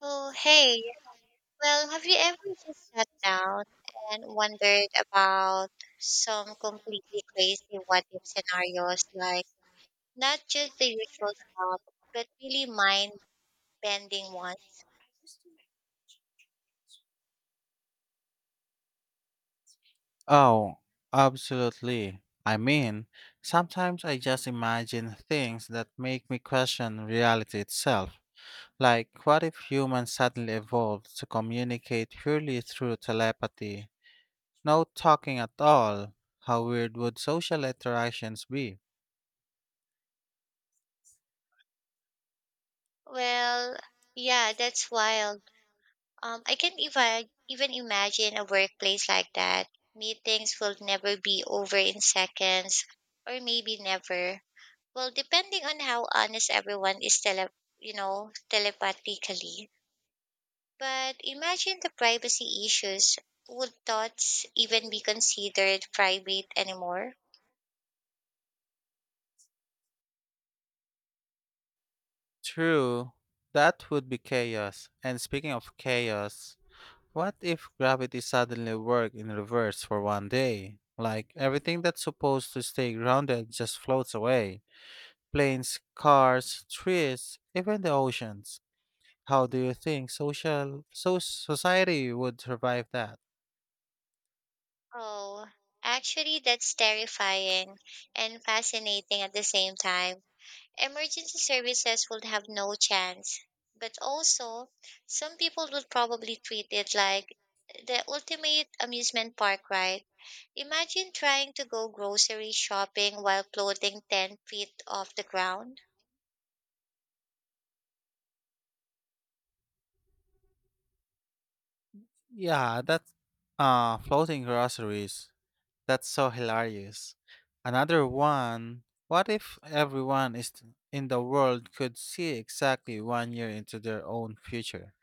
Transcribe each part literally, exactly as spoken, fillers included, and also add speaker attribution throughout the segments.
Speaker 1: Oh, hey. Well, have you ever just sat down and wondered about some completely crazy what if scenarios, like not just the usual stuff, but really mind bending ones?
Speaker 2: Oh, absolutely. I mean, sometimes I just imagine things that make me question reality itself. Like, what if humans suddenly evolved to communicate purely through telepathy? No talking at all. How weird would social interactions be?
Speaker 1: Well, yeah, that's wild. Um, I can't even even imagine a workplace like that. Meetings will never be over in seconds, or maybe never. Well, depending on how honest everyone is tele, you know, telepathically. But imagine the privacy issues. Would thoughts even be considered private anymore?
Speaker 2: True, that would be chaos. And speaking of chaos, what if gravity suddenly worked in reverse for one day? Like, everything that's supposed to stay grounded just floats away. Planes, cars, trees, even the oceans. How do you think social so society would survive that?
Speaker 1: Oh, actually, that's terrifying and fascinating at the same time. Emergency services would have no chance. But also, some people would probably treat it like the ultimate amusement park ride. Imagine trying to go grocery shopping while floating ten feet off the ground.
Speaker 2: Yeah, that uh floating groceries. That's so hilarious. Another one, what if everyone is in the world could see exactly one year into their own future?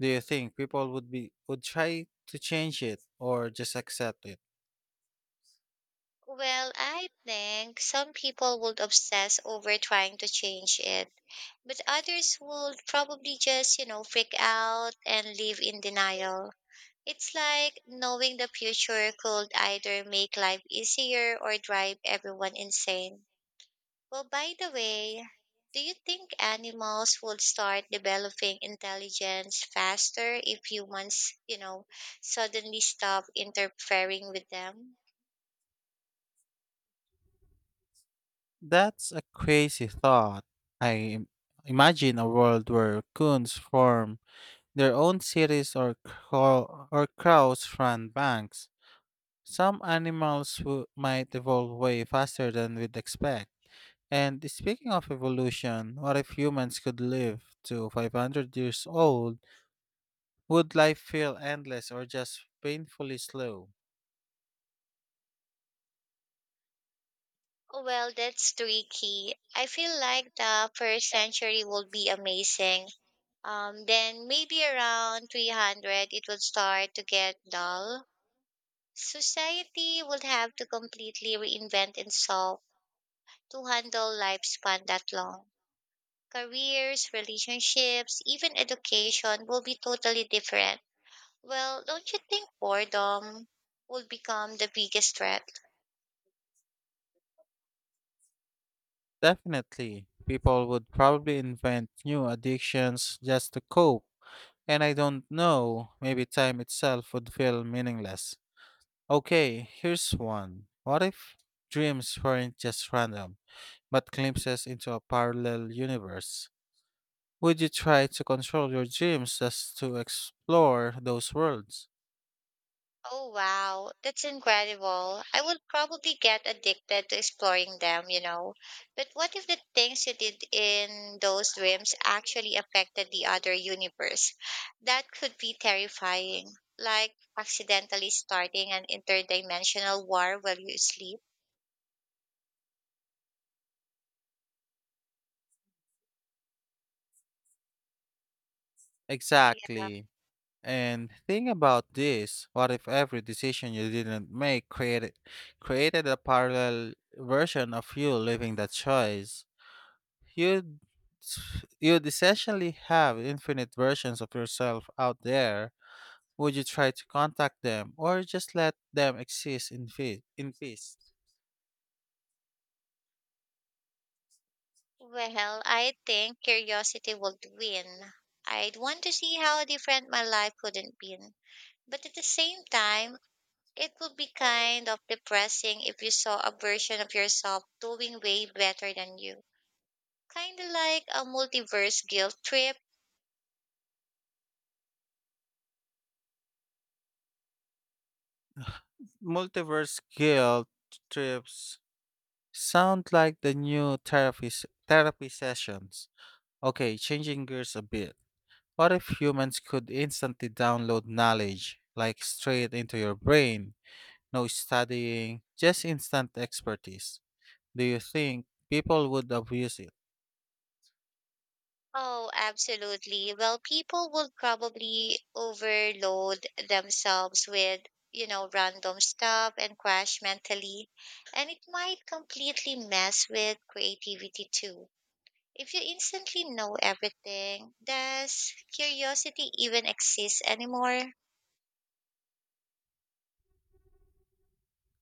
Speaker 2: Do you think people would be would try to change it or just accept it?
Speaker 1: Well, I think some people would obsess over trying to change it, but others would probably just, you know, freak out and live in denial. It's like knowing the future could either make life easier or drive everyone insane. Well, by the way, do you think animals would start developing intelligence faster if humans, you know, suddenly stop interfering with them?
Speaker 2: That's a crazy thought. I im- imagine a world where coons form their own cities or crow- or crows run banks. Some animals who might evolve way faster than we'd expect. And speaking of evolution, what if humans could live to five hundred years old? Would life feel endless or just painfully slow?
Speaker 1: Well, that's tricky. I feel like the first century would be amazing. Um, then maybe around three hundred, it would start to get dull. Society would have to completely reinvent itself to handle lifespan that long. Careers, relationships, even education will be totally different. Well, don't you think boredom will become the biggest threat?
Speaker 2: Definitely. People would probably invent new addictions just to cope. And I don't know, maybe time itself would feel meaningless. Okay, here's one. What if dreams weren't just random, but glimpses into a parallel universe? Would you try to control your dreams just to explore those worlds?
Speaker 1: Oh wow, that's incredible. I would probably get addicted to exploring them, you know. But what if the things you did in those dreams actually affected the other universe? That could be terrifying. Like accidentally starting an interdimensional war while you sleep.
Speaker 2: Exactly. And think about this. What if every decision you didn't make created created a parallel version of you living that choice? You'd you'd essentially have infinite versions of yourself out there. Would you try to contact them or just let them exist in fe- in peace?
Speaker 1: Well, I think curiosity would win. I'd want to see how different my life would have been. But at the same time, it would be kind of depressing if you saw a version of yourself doing way better than you. Kind of like a multiverse guilt trip.
Speaker 2: Multiverse guilt trips sound like the new therapy s- therapy sessions. Okay, changing gears a bit. What if humans could instantly download knowledge like straight into your brain? No studying, just instant expertise. Do you think people would abuse it?
Speaker 1: Oh, absolutely. Well, people would probably overload themselves with, you know, random stuff and crash mentally. And it might completely mess with creativity too. If you instantly know everything, does curiosity even exist anymore?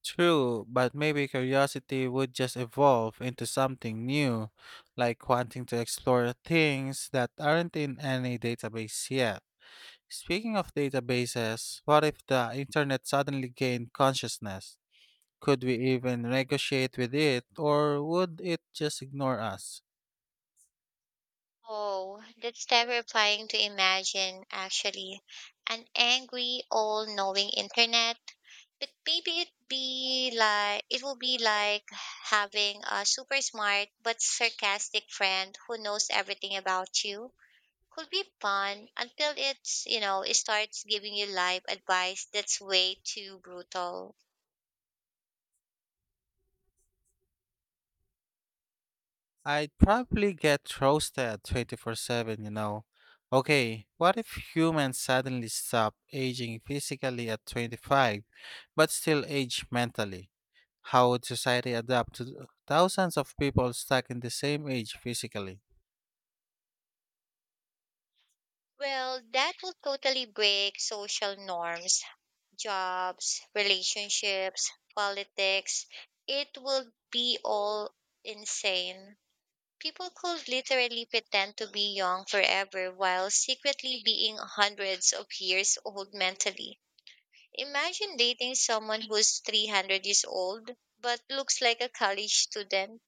Speaker 2: True, but maybe curiosity would just evolve into something new, like wanting to explore things that aren't in any database yet. Speaking of databases, what if the internet suddenly gained consciousness? Could we even negotiate with it, or would it just ignore us?
Speaker 1: Oh, that's terrifying to imagine, actually. An angry, all-knowing internet. But maybe it'd be like it will be like having a super smart but sarcastic friend who knows everything about you. Could be fun until it's, you know, it starts giving you life advice that's way too brutal.
Speaker 2: I'd probably get roasted twenty-four seven, you know. Okay, what if humans suddenly stop aging physically at twenty-five but still age mentally? How would society adapt to th- thousands of people stuck in the same age physically?
Speaker 1: Well, that will totally break social norms. Jobs, relationships, politics. It would be all insane. People could literally pretend to be young forever while secretly being hundreds of years old mentally. Imagine dating someone who's three hundred years old but looks like a college student.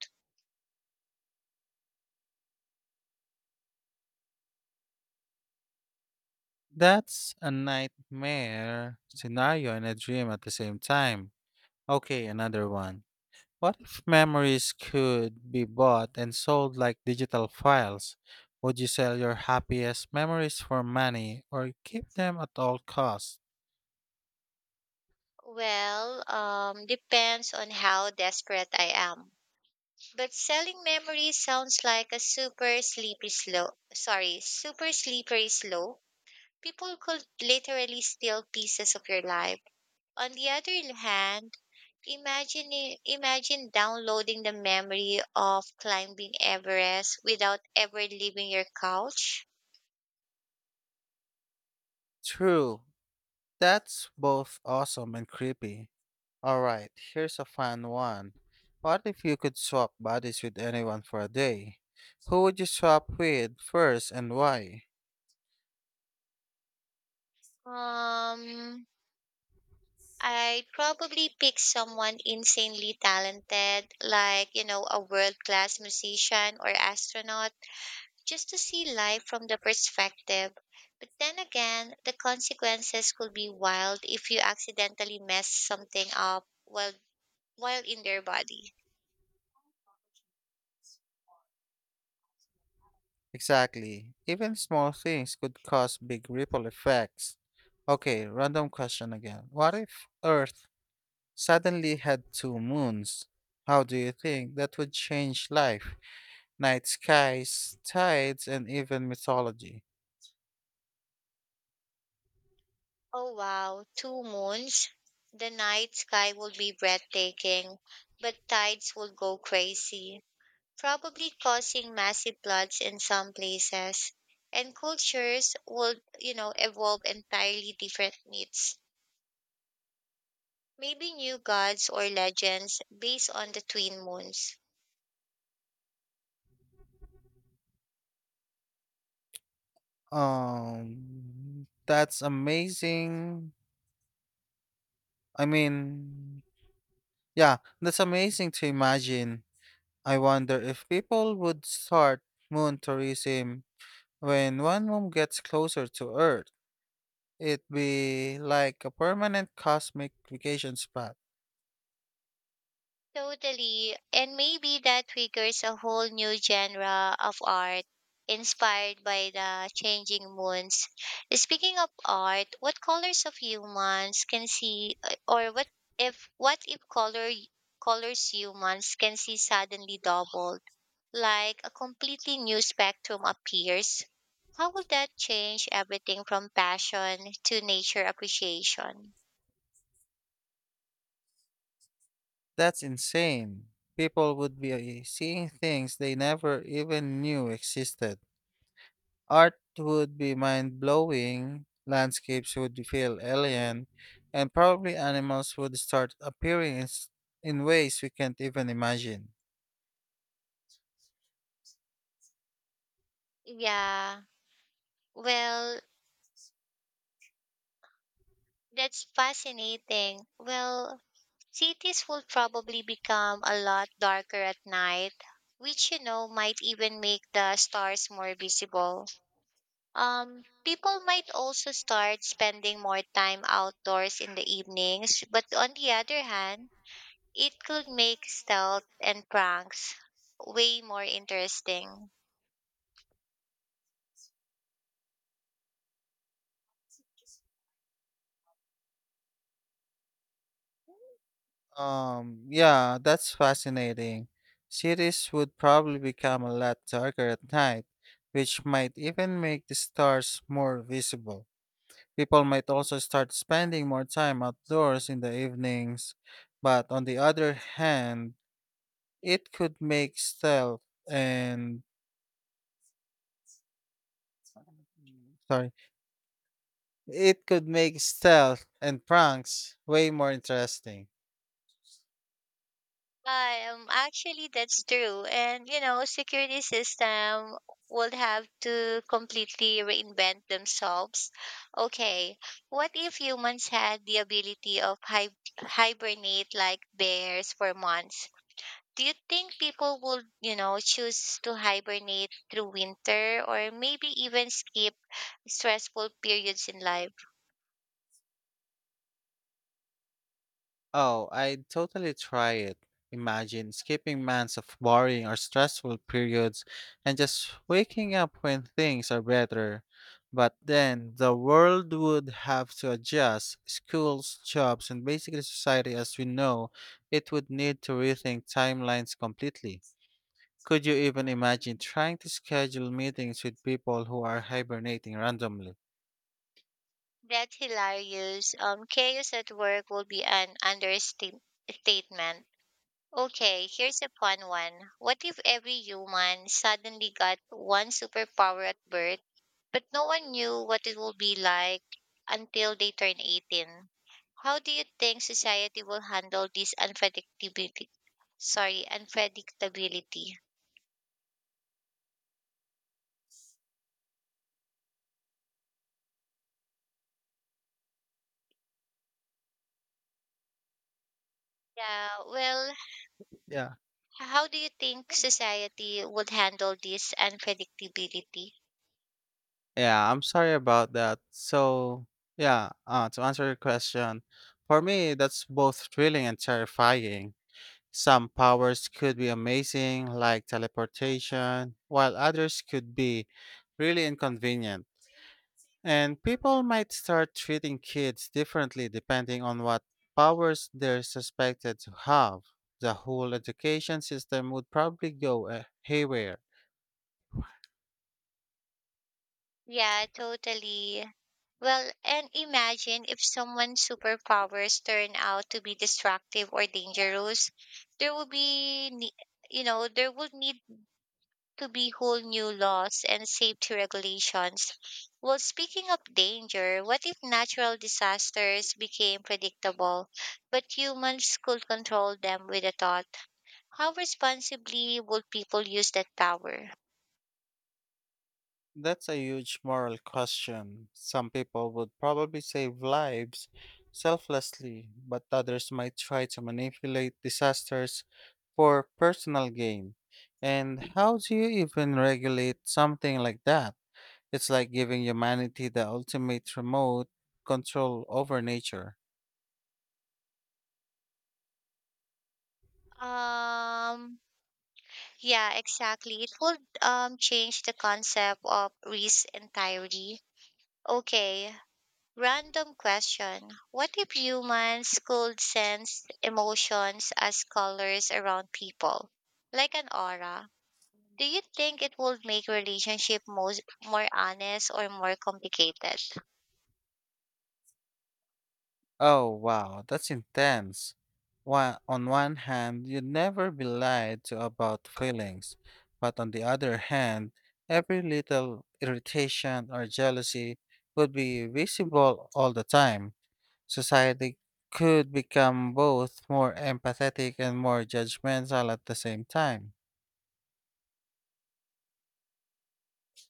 Speaker 2: That's a nightmare scenario and a dream at the same time. Okay, another one. What if memories could be bought and sold like digital files? Would you sell your happiest memories for money or keep them at all costs?
Speaker 1: Well, um, depends on how desperate I am. But selling memories sounds like a super sleepy slow. Sorry, super slippery slope. People could literally steal pieces of your life. On the other hand, imagine i- imagine downloading the memory of climbing Everest without ever leaving your couch.
Speaker 2: True. That's both awesome and creepy. Alright, here's a fun one. What if you could swap bodies with anyone for a day? Who would you swap with first and why?
Speaker 1: Um I'd probably pick someone insanely talented, like, you know, a world class musician or astronaut just to see life from the perspective. But then again, the consequences could be wild if you accidentally mess something up while while in their body.
Speaker 2: Exactly. Even small things could cause big ripple effects. Okay, random question again. What if Earth suddenly had two moons. How do you think that would change life, night skies, tides, and even mythology?
Speaker 1: Oh wow, two moons. The night sky would be breathtaking, but tides would go crazy, probably causing massive floods in some places. And cultures would, you know, evolve entirely different myths, maybe new gods or legends based on the twin moons.
Speaker 2: Um, that's amazing. I mean, yeah, that's amazing to imagine. I wonder if people would start moon tourism when one moon gets closer to Earth. It'd be like a permanent cosmic vacation spot.
Speaker 1: Totally. And maybe that triggers a whole new genre of art inspired by the changing moons. Speaking of art, what colors of humans can see uh, or what if what if color colors humans can see suddenly doubled, like a completely new spectrum appears? How would that change everything from passion to nature appreciation?
Speaker 2: That's insane. People would be seeing things they never even knew existed. Art would be mind blowing, landscapes would feel alien, and probably animals would start appearing in, s- in ways we can't even imagine.
Speaker 1: Yeah. Well, that's fascinating. Well, cities will probably become a lot darker at night, which you know might even make the stars more visible. Um, people might also start spending more time outdoors in the evenings, but on the other hand, it could make stealth and pranks way more interesting.
Speaker 2: Um, yeah, that's fascinating. Cities would probably become a lot darker at night, which might even make the stars more visible. People might also start spending more time outdoors in the evenings, but on the other hand, it could make stealth and sorry, it could make stealth and pranks way more interesting.
Speaker 1: I um Actually, that's true. And you know, security system would have to completely reinvent themselves. Okay, what if humans had the ability of hi- hibernate like bears for months? Do you think people would, you know, choose to hibernate through winter or maybe even skip stressful periods in life?
Speaker 2: Oh, I'd totally try it. Imagine skipping months of boring or stressful periods and just waking up when things are better. But then the world would have to adjust. Schools, jobs, and basically society as we know, it would need to rethink timelines completely. Could you even imagine trying to schedule meetings with people who are hibernating randomly?
Speaker 1: That's hilarious. Um, chaos at work will be an understatement. Okay, here's a fun one. What if every human suddenly got one superpower at birth, but no one knew what it would be like until they turn eighteen? How do you think society will handle this unpredictability? Sorry, unpredictability. Yeah, well,
Speaker 2: Yeah.
Speaker 1: how do you think society would handle this unpredictability?
Speaker 2: Yeah, I'm sorry about that. So, yeah, uh, to answer your question, for me, that's both thrilling and terrifying. Some powers could be amazing, like teleportation, while others could be really inconvenient. And people might start treating kids differently depending on what powers they're suspected to have. The whole education system would probably go uh, haywire.
Speaker 1: Yeah, totally. Well, and imagine if someone's superpowers turn out to be destructive or dangerous. There will be, ne- you know, There would need to be whole new laws and safety regulations. Well, speaking of danger, what if natural disasters became predictable, but humans could control them with a thought? How responsibly would people use that power?
Speaker 2: That's a huge moral question. Some people would probably save lives selflessly, but others might try to manipulate disasters for personal gain. And how do you even regulate something like that? It's like giving humanity the ultimate remote control over nature.
Speaker 1: Um, Yeah, exactly. It would um, change the concept of risk entirely. Okay, random question. What if humans could sense emotions as colors around people, like an aura? Do you think it would make relationship most, more honest or more complicated?
Speaker 2: Oh, wow, that's intense. One, on one hand, you'd never be lied to about feelings, but on the other hand, every little irritation or jealousy would be visible all the time. Society could become both more empathetic and more judgmental at the same time.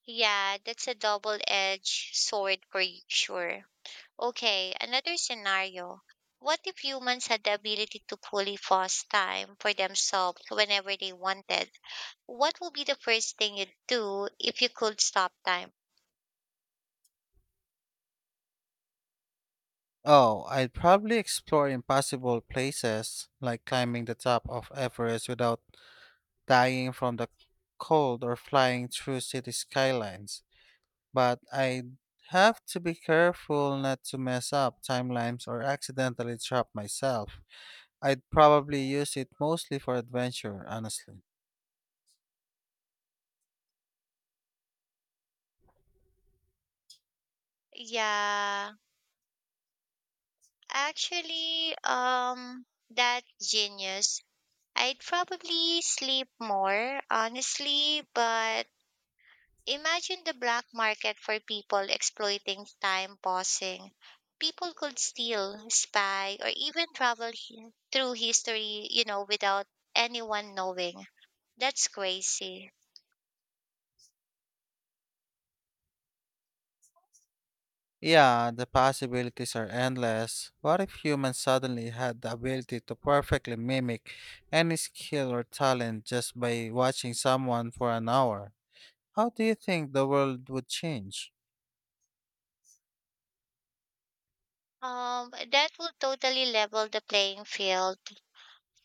Speaker 1: Yeah, that's a double-edged sword for y- sure. Okay, another scenario. What if humans had the ability to fully pause time for themselves whenever they wanted? What would be the first thing you'd do if you could stop time?
Speaker 2: Oh, I'd probably explore impossible places like climbing the top of Everest without dying from the cold or flying through city skylines. But I have to be careful not to mess up timelines or accidentally trap myself. I'd probably use it mostly for adventure, honestly.
Speaker 1: Yeah, actually, um, that genius. I'd probably sleep more, honestly, but imagine the black market for people exploiting time pausing. People could steal, spy, or even travel hi- through history, you know, without anyone knowing. That's crazy.
Speaker 2: Yeah, the possibilities are endless. What if humans suddenly had the ability to perfectly mimic any skill or talent just by watching someone for an hour? How do you think the world would change?
Speaker 1: Um, that would totally level the playing field.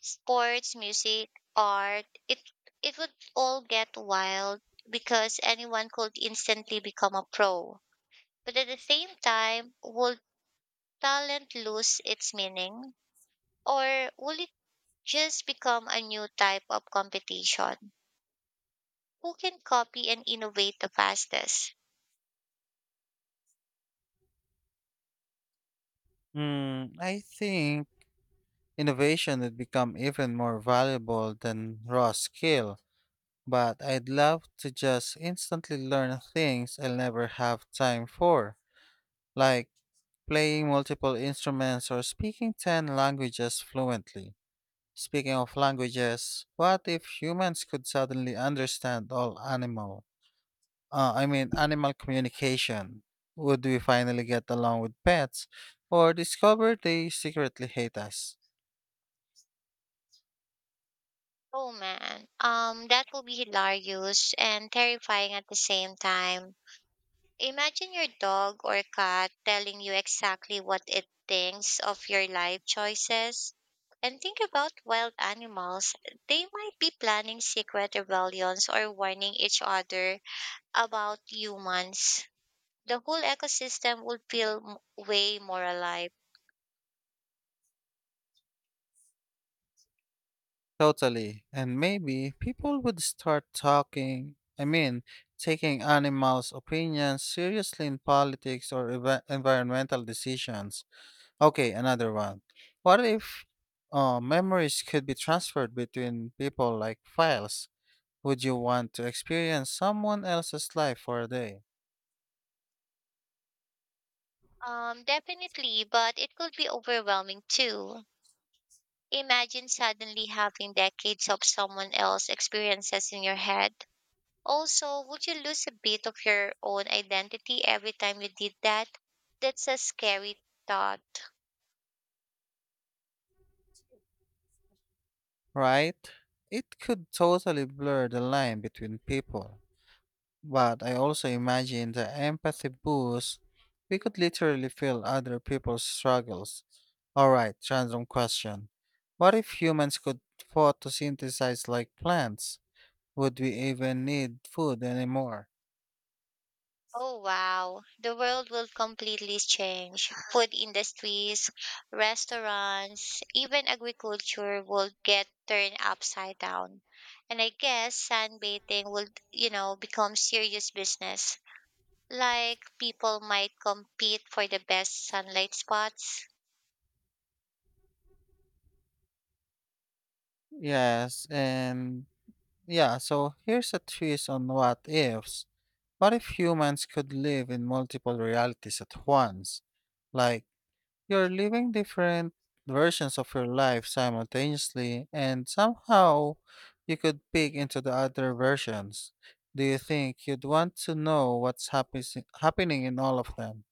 Speaker 1: Sports, music, art, it it would all get wild because anyone could instantly become a pro. But at the same time, would talent lose its meaning? Or would just become a new type of competition. Who can copy and innovate the fastest?
Speaker 2: Hmm, I think innovation would become even more valuable than raw skill, but I'd love to just instantly learn things I'll never have time for, like playing multiple instruments or speaking ten languages fluently. Speaking of languages, what if humans could suddenly understand all animal, uh, I mean animal communication? Would we finally get along with pets or discover they secretly hate us?
Speaker 1: Oh man, um, that will be hilarious and terrifying at the same time. Imagine your dog or cat telling you exactly what it thinks of your life choices. And think about wild animals. They might be planning secret rebellions or warning each other about humans. The whole ecosystem would feel m- way more alive.
Speaker 2: Totally. And maybe people would start talking, I mean, taking animals' opinions seriously in politics or eva- environmental decisions. Okay, another one. What if uh, memories could be transferred between people like files? Would you want to experience someone else's life for a day?
Speaker 1: Um, definitely, but it could be overwhelming too. Imagine suddenly having decades of someone else's experiences in your head. Also, would you lose a bit of your own identity every time you did that? That's a scary thought.
Speaker 2: Right? It could totally blur the line between people. But I also imagine the empathy boost. We could literally feel other people's struggles. Alright, random question. What if humans could photosynthesize like plants? Would we even need food anymore?
Speaker 1: Oh wow, the world will completely change. Food industries, restaurants, even agriculture will get turned upside down. And I guess sunbathing will, you know, become serious business. Like people might compete for the best sunlight spots.
Speaker 2: Yes, and yeah, so here's a twist on what ifs. What if humans could live in multiple realities at once? Like, you're living different versions of your life simultaneously, and somehow you could peek into the other versions. Do you think you'd want to know what's happens happening in all of them?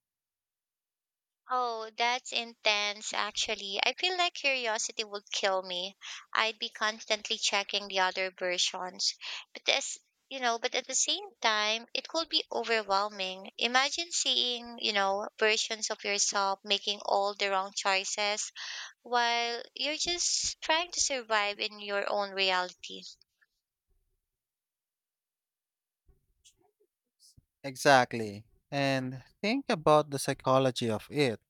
Speaker 1: Oh, that's intense, actually. I feel like curiosity would kill me. I'd be constantly checking the other versions. But this, you know, But at the same time, it could be overwhelming. Imagine seeing, you know, versions of yourself making all the wrong choices while you're just trying to survive in your own reality.
Speaker 2: Exactly. And think about the psychology of it.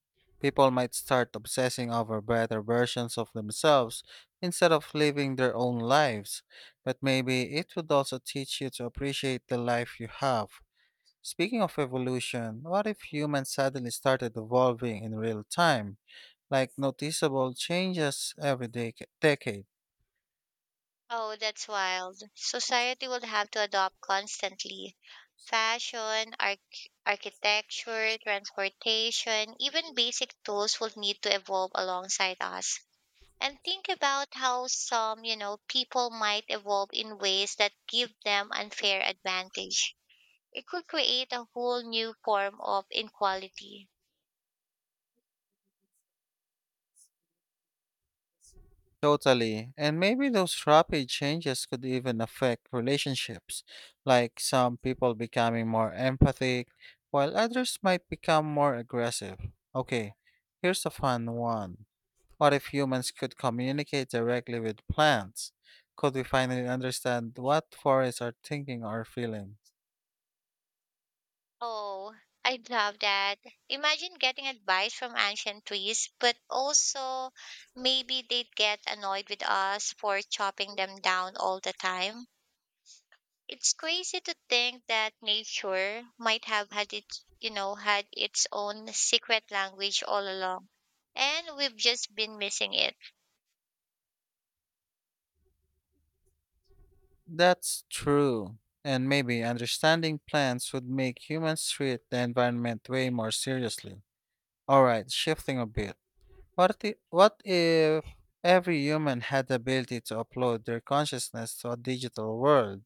Speaker 2: People might start obsessing over better versions of themselves instead of living their own lives, but maybe it would also teach you to appreciate the life you have. Speaking of evolution, what if humans suddenly started evolving in real time, like noticeable changes every dec- decade?
Speaker 1: Oh, that's wild. Society will have to adopt constantly. Fashion, arch- architecture, transportation, even basic tools will need to evolve alongside us. And think about how some, you know, people might evolve in ways that give them unfair advantage. It could create a whole new form of inequality.
Speaker 2: Totally. And maybe those rapid changes could even affect relationships, like some people becoming more empathic, while others might become more aggressive. Okay, here's a fun one. What if humans could communicate directly with plants? Could we finally understand what forests are thinking or feeling?
Speaker 1: Oh, I love that. Imagine getting advice from ancient trees, but also maybe they'd get annoyed with us for chopping them down all the time. It's crazy to think that nature might have had its, you know, had its own secret language all along, and we've just been missing it.
Speaker 2: That's true. And maybe understanding plants would make humans treat the environment way more seriously. All right, shifting a bit. What if, what if every human had the ability to upload their consciousness to a digital world?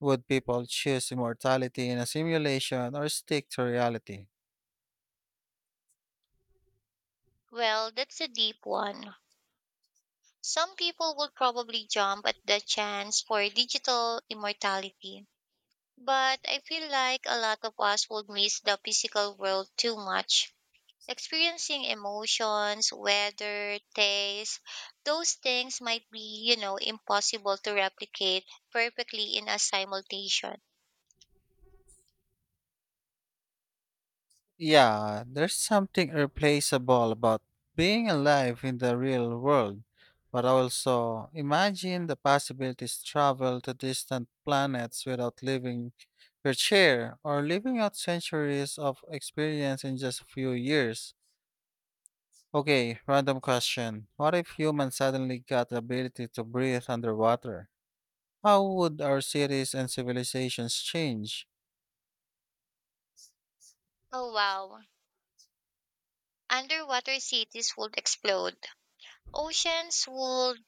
Speaker 2: Would people choose immortality in a simulation or stick to reality?
Speaker 1: Well, that's a deep one. Some people would probably jump at the chance for digital immortality. But I feel like a lot of us would miss the physical world too much. Experiencing emotions, weather, taste, those things might be, you know, impossible to replicate perfectly in a simultation.
Speaker 2: Yeah, there's something irreplaceable about being alive in the real world, but also imagine the possibilities travel to distant planets without leaving your chair or living out centuries of experience in just a few years. Okay, random question. What if humans suddenly got the ability to breathe underwater? How would our cities and civilizations change?
Speaker 1: Oh wow. Underwater cities would explode. Oceans would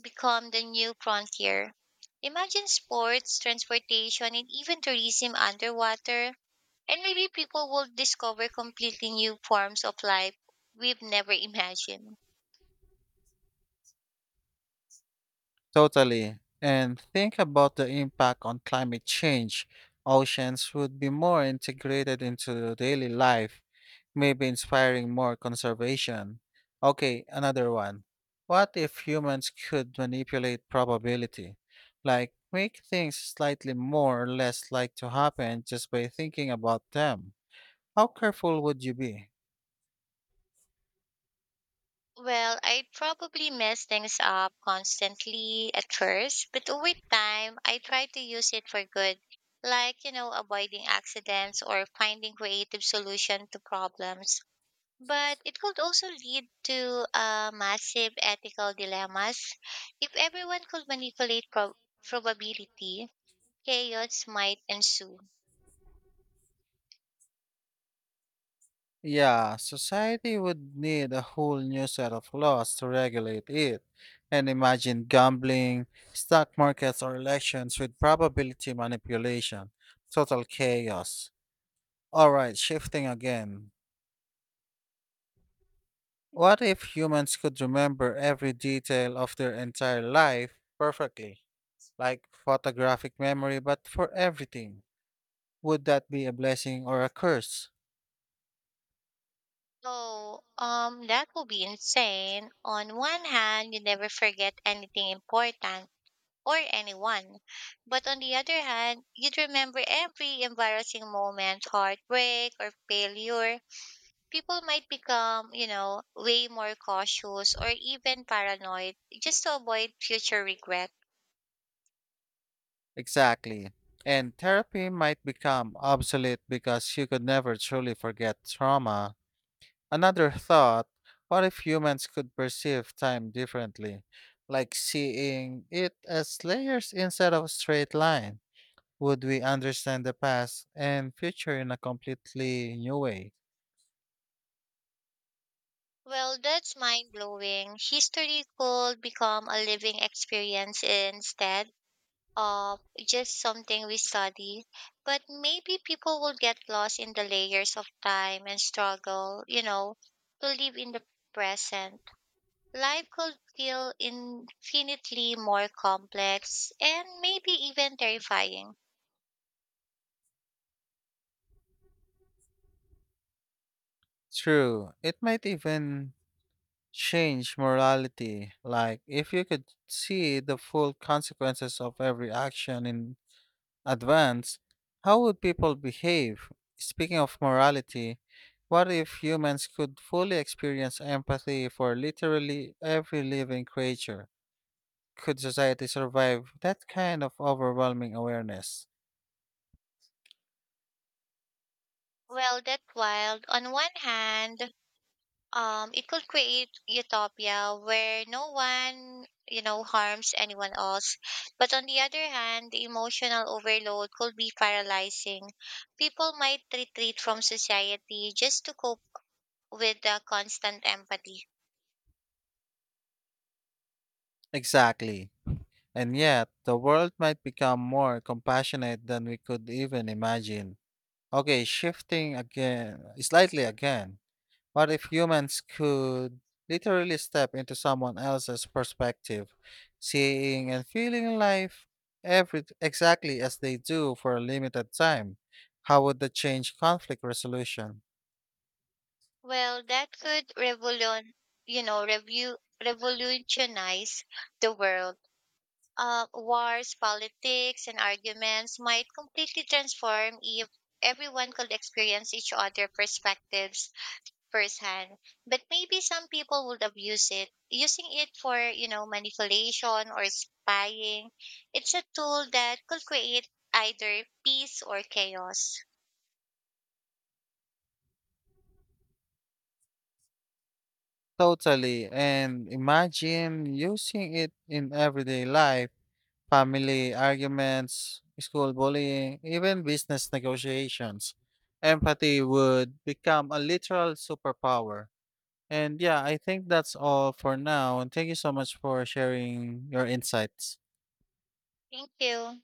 Speaker 1: become the new frontier. Imagine sports, transportation, and even tourism underwater. And maybe people will discover completely new forms of life we've never imagined.
Speaker 2: Totally. And think about the impact on climate change. Oceans would be more integrated into daily life, maybe inspiring more conservation. Okay, another one. What if humans could manipulate probability? Like, make things slightly more or less like to happen just by thinking about them? How careful would you be?
Speaker 1: Well, I'd probably mess things up constantly at first, but over time, I try to use it for good, like, you know, avoiding accidents or finding creative solution to problems. But it could also lead to uh, massive ethical dilemmas. If everyone could manipulate prob probability, chaos might ensue.
Speaker 2: Yeah, society would need a whole new set of laws to regulate it. And imagine gambling, stock markets, or elections with probability manipulation. Total chaos. Alright, shifting again. What if humans could remember every detail of their entire life perfectly? Like photographic memory, but for everything. Would that be a blessing or a curse?
Speaker 1: So, um, that would be insane. On one hand, you never forget anything important or anyone. But on the other hand, you'd remember every embarrassing moment, heartbreak, or failure. People might become, you know, way more cautious or even paranoid just to avoid future regret.
Speaker 2: Exactly. And therapy might become obsolete because you could never truly forget trauma. Another thought. What if humans could perceive time differently, like seeing it as layers instead of a straight line? Would we understand the past and future in a completely new way?
Speaker 1: Well, that's mind blowing. History could become a living experience instead of just something we study, but maybe people will get lost in the layers of time and struggle, you know, to live in the present. Life could feel infinitely more complex and maybe even terrifying.
Speaker 2: True, it might even change morality, like if you could see the full consequences of every action in advance, how would people behave? Speaking of morality, what if humans could fully experience empathy for literally every living creature? Could society survive that kind of overwhelming awareness?
Speaker 1: Well, that wild on one hand, um, it could create utopia where no one you know harms anyone else, but on the other hand the emotional overload could be paralyzing. People might retreat from society just to cope with the constant empathy.
Speaker 2: Exactly. And yet, the world might become more compassionate than we could even imagine. Okay, shifting again, slightly again. What if humans could literally step into someone else's perspective, seeing and feeling life every exactly as they do for a limited time? How would that change conflict resolution?
Speaker 1: Well, that could revolution you know review revolutionize the world. Uh, wars, politics and arguments might completely transform if everyone could experience each other perspectives firsthand. But maybe some people would abuse it, using it for, you know, manipulation or spying. It's a tool that could create either peace or chaos.
Speaker 2: Totally, and imagine using it in everyday life, family arguments, school bullying, even business negotiations. Empathy would become a literal superpower. And yeah, I think that's all for now. And thank you so much for sharing your insights.
Speaker 1: Thank you.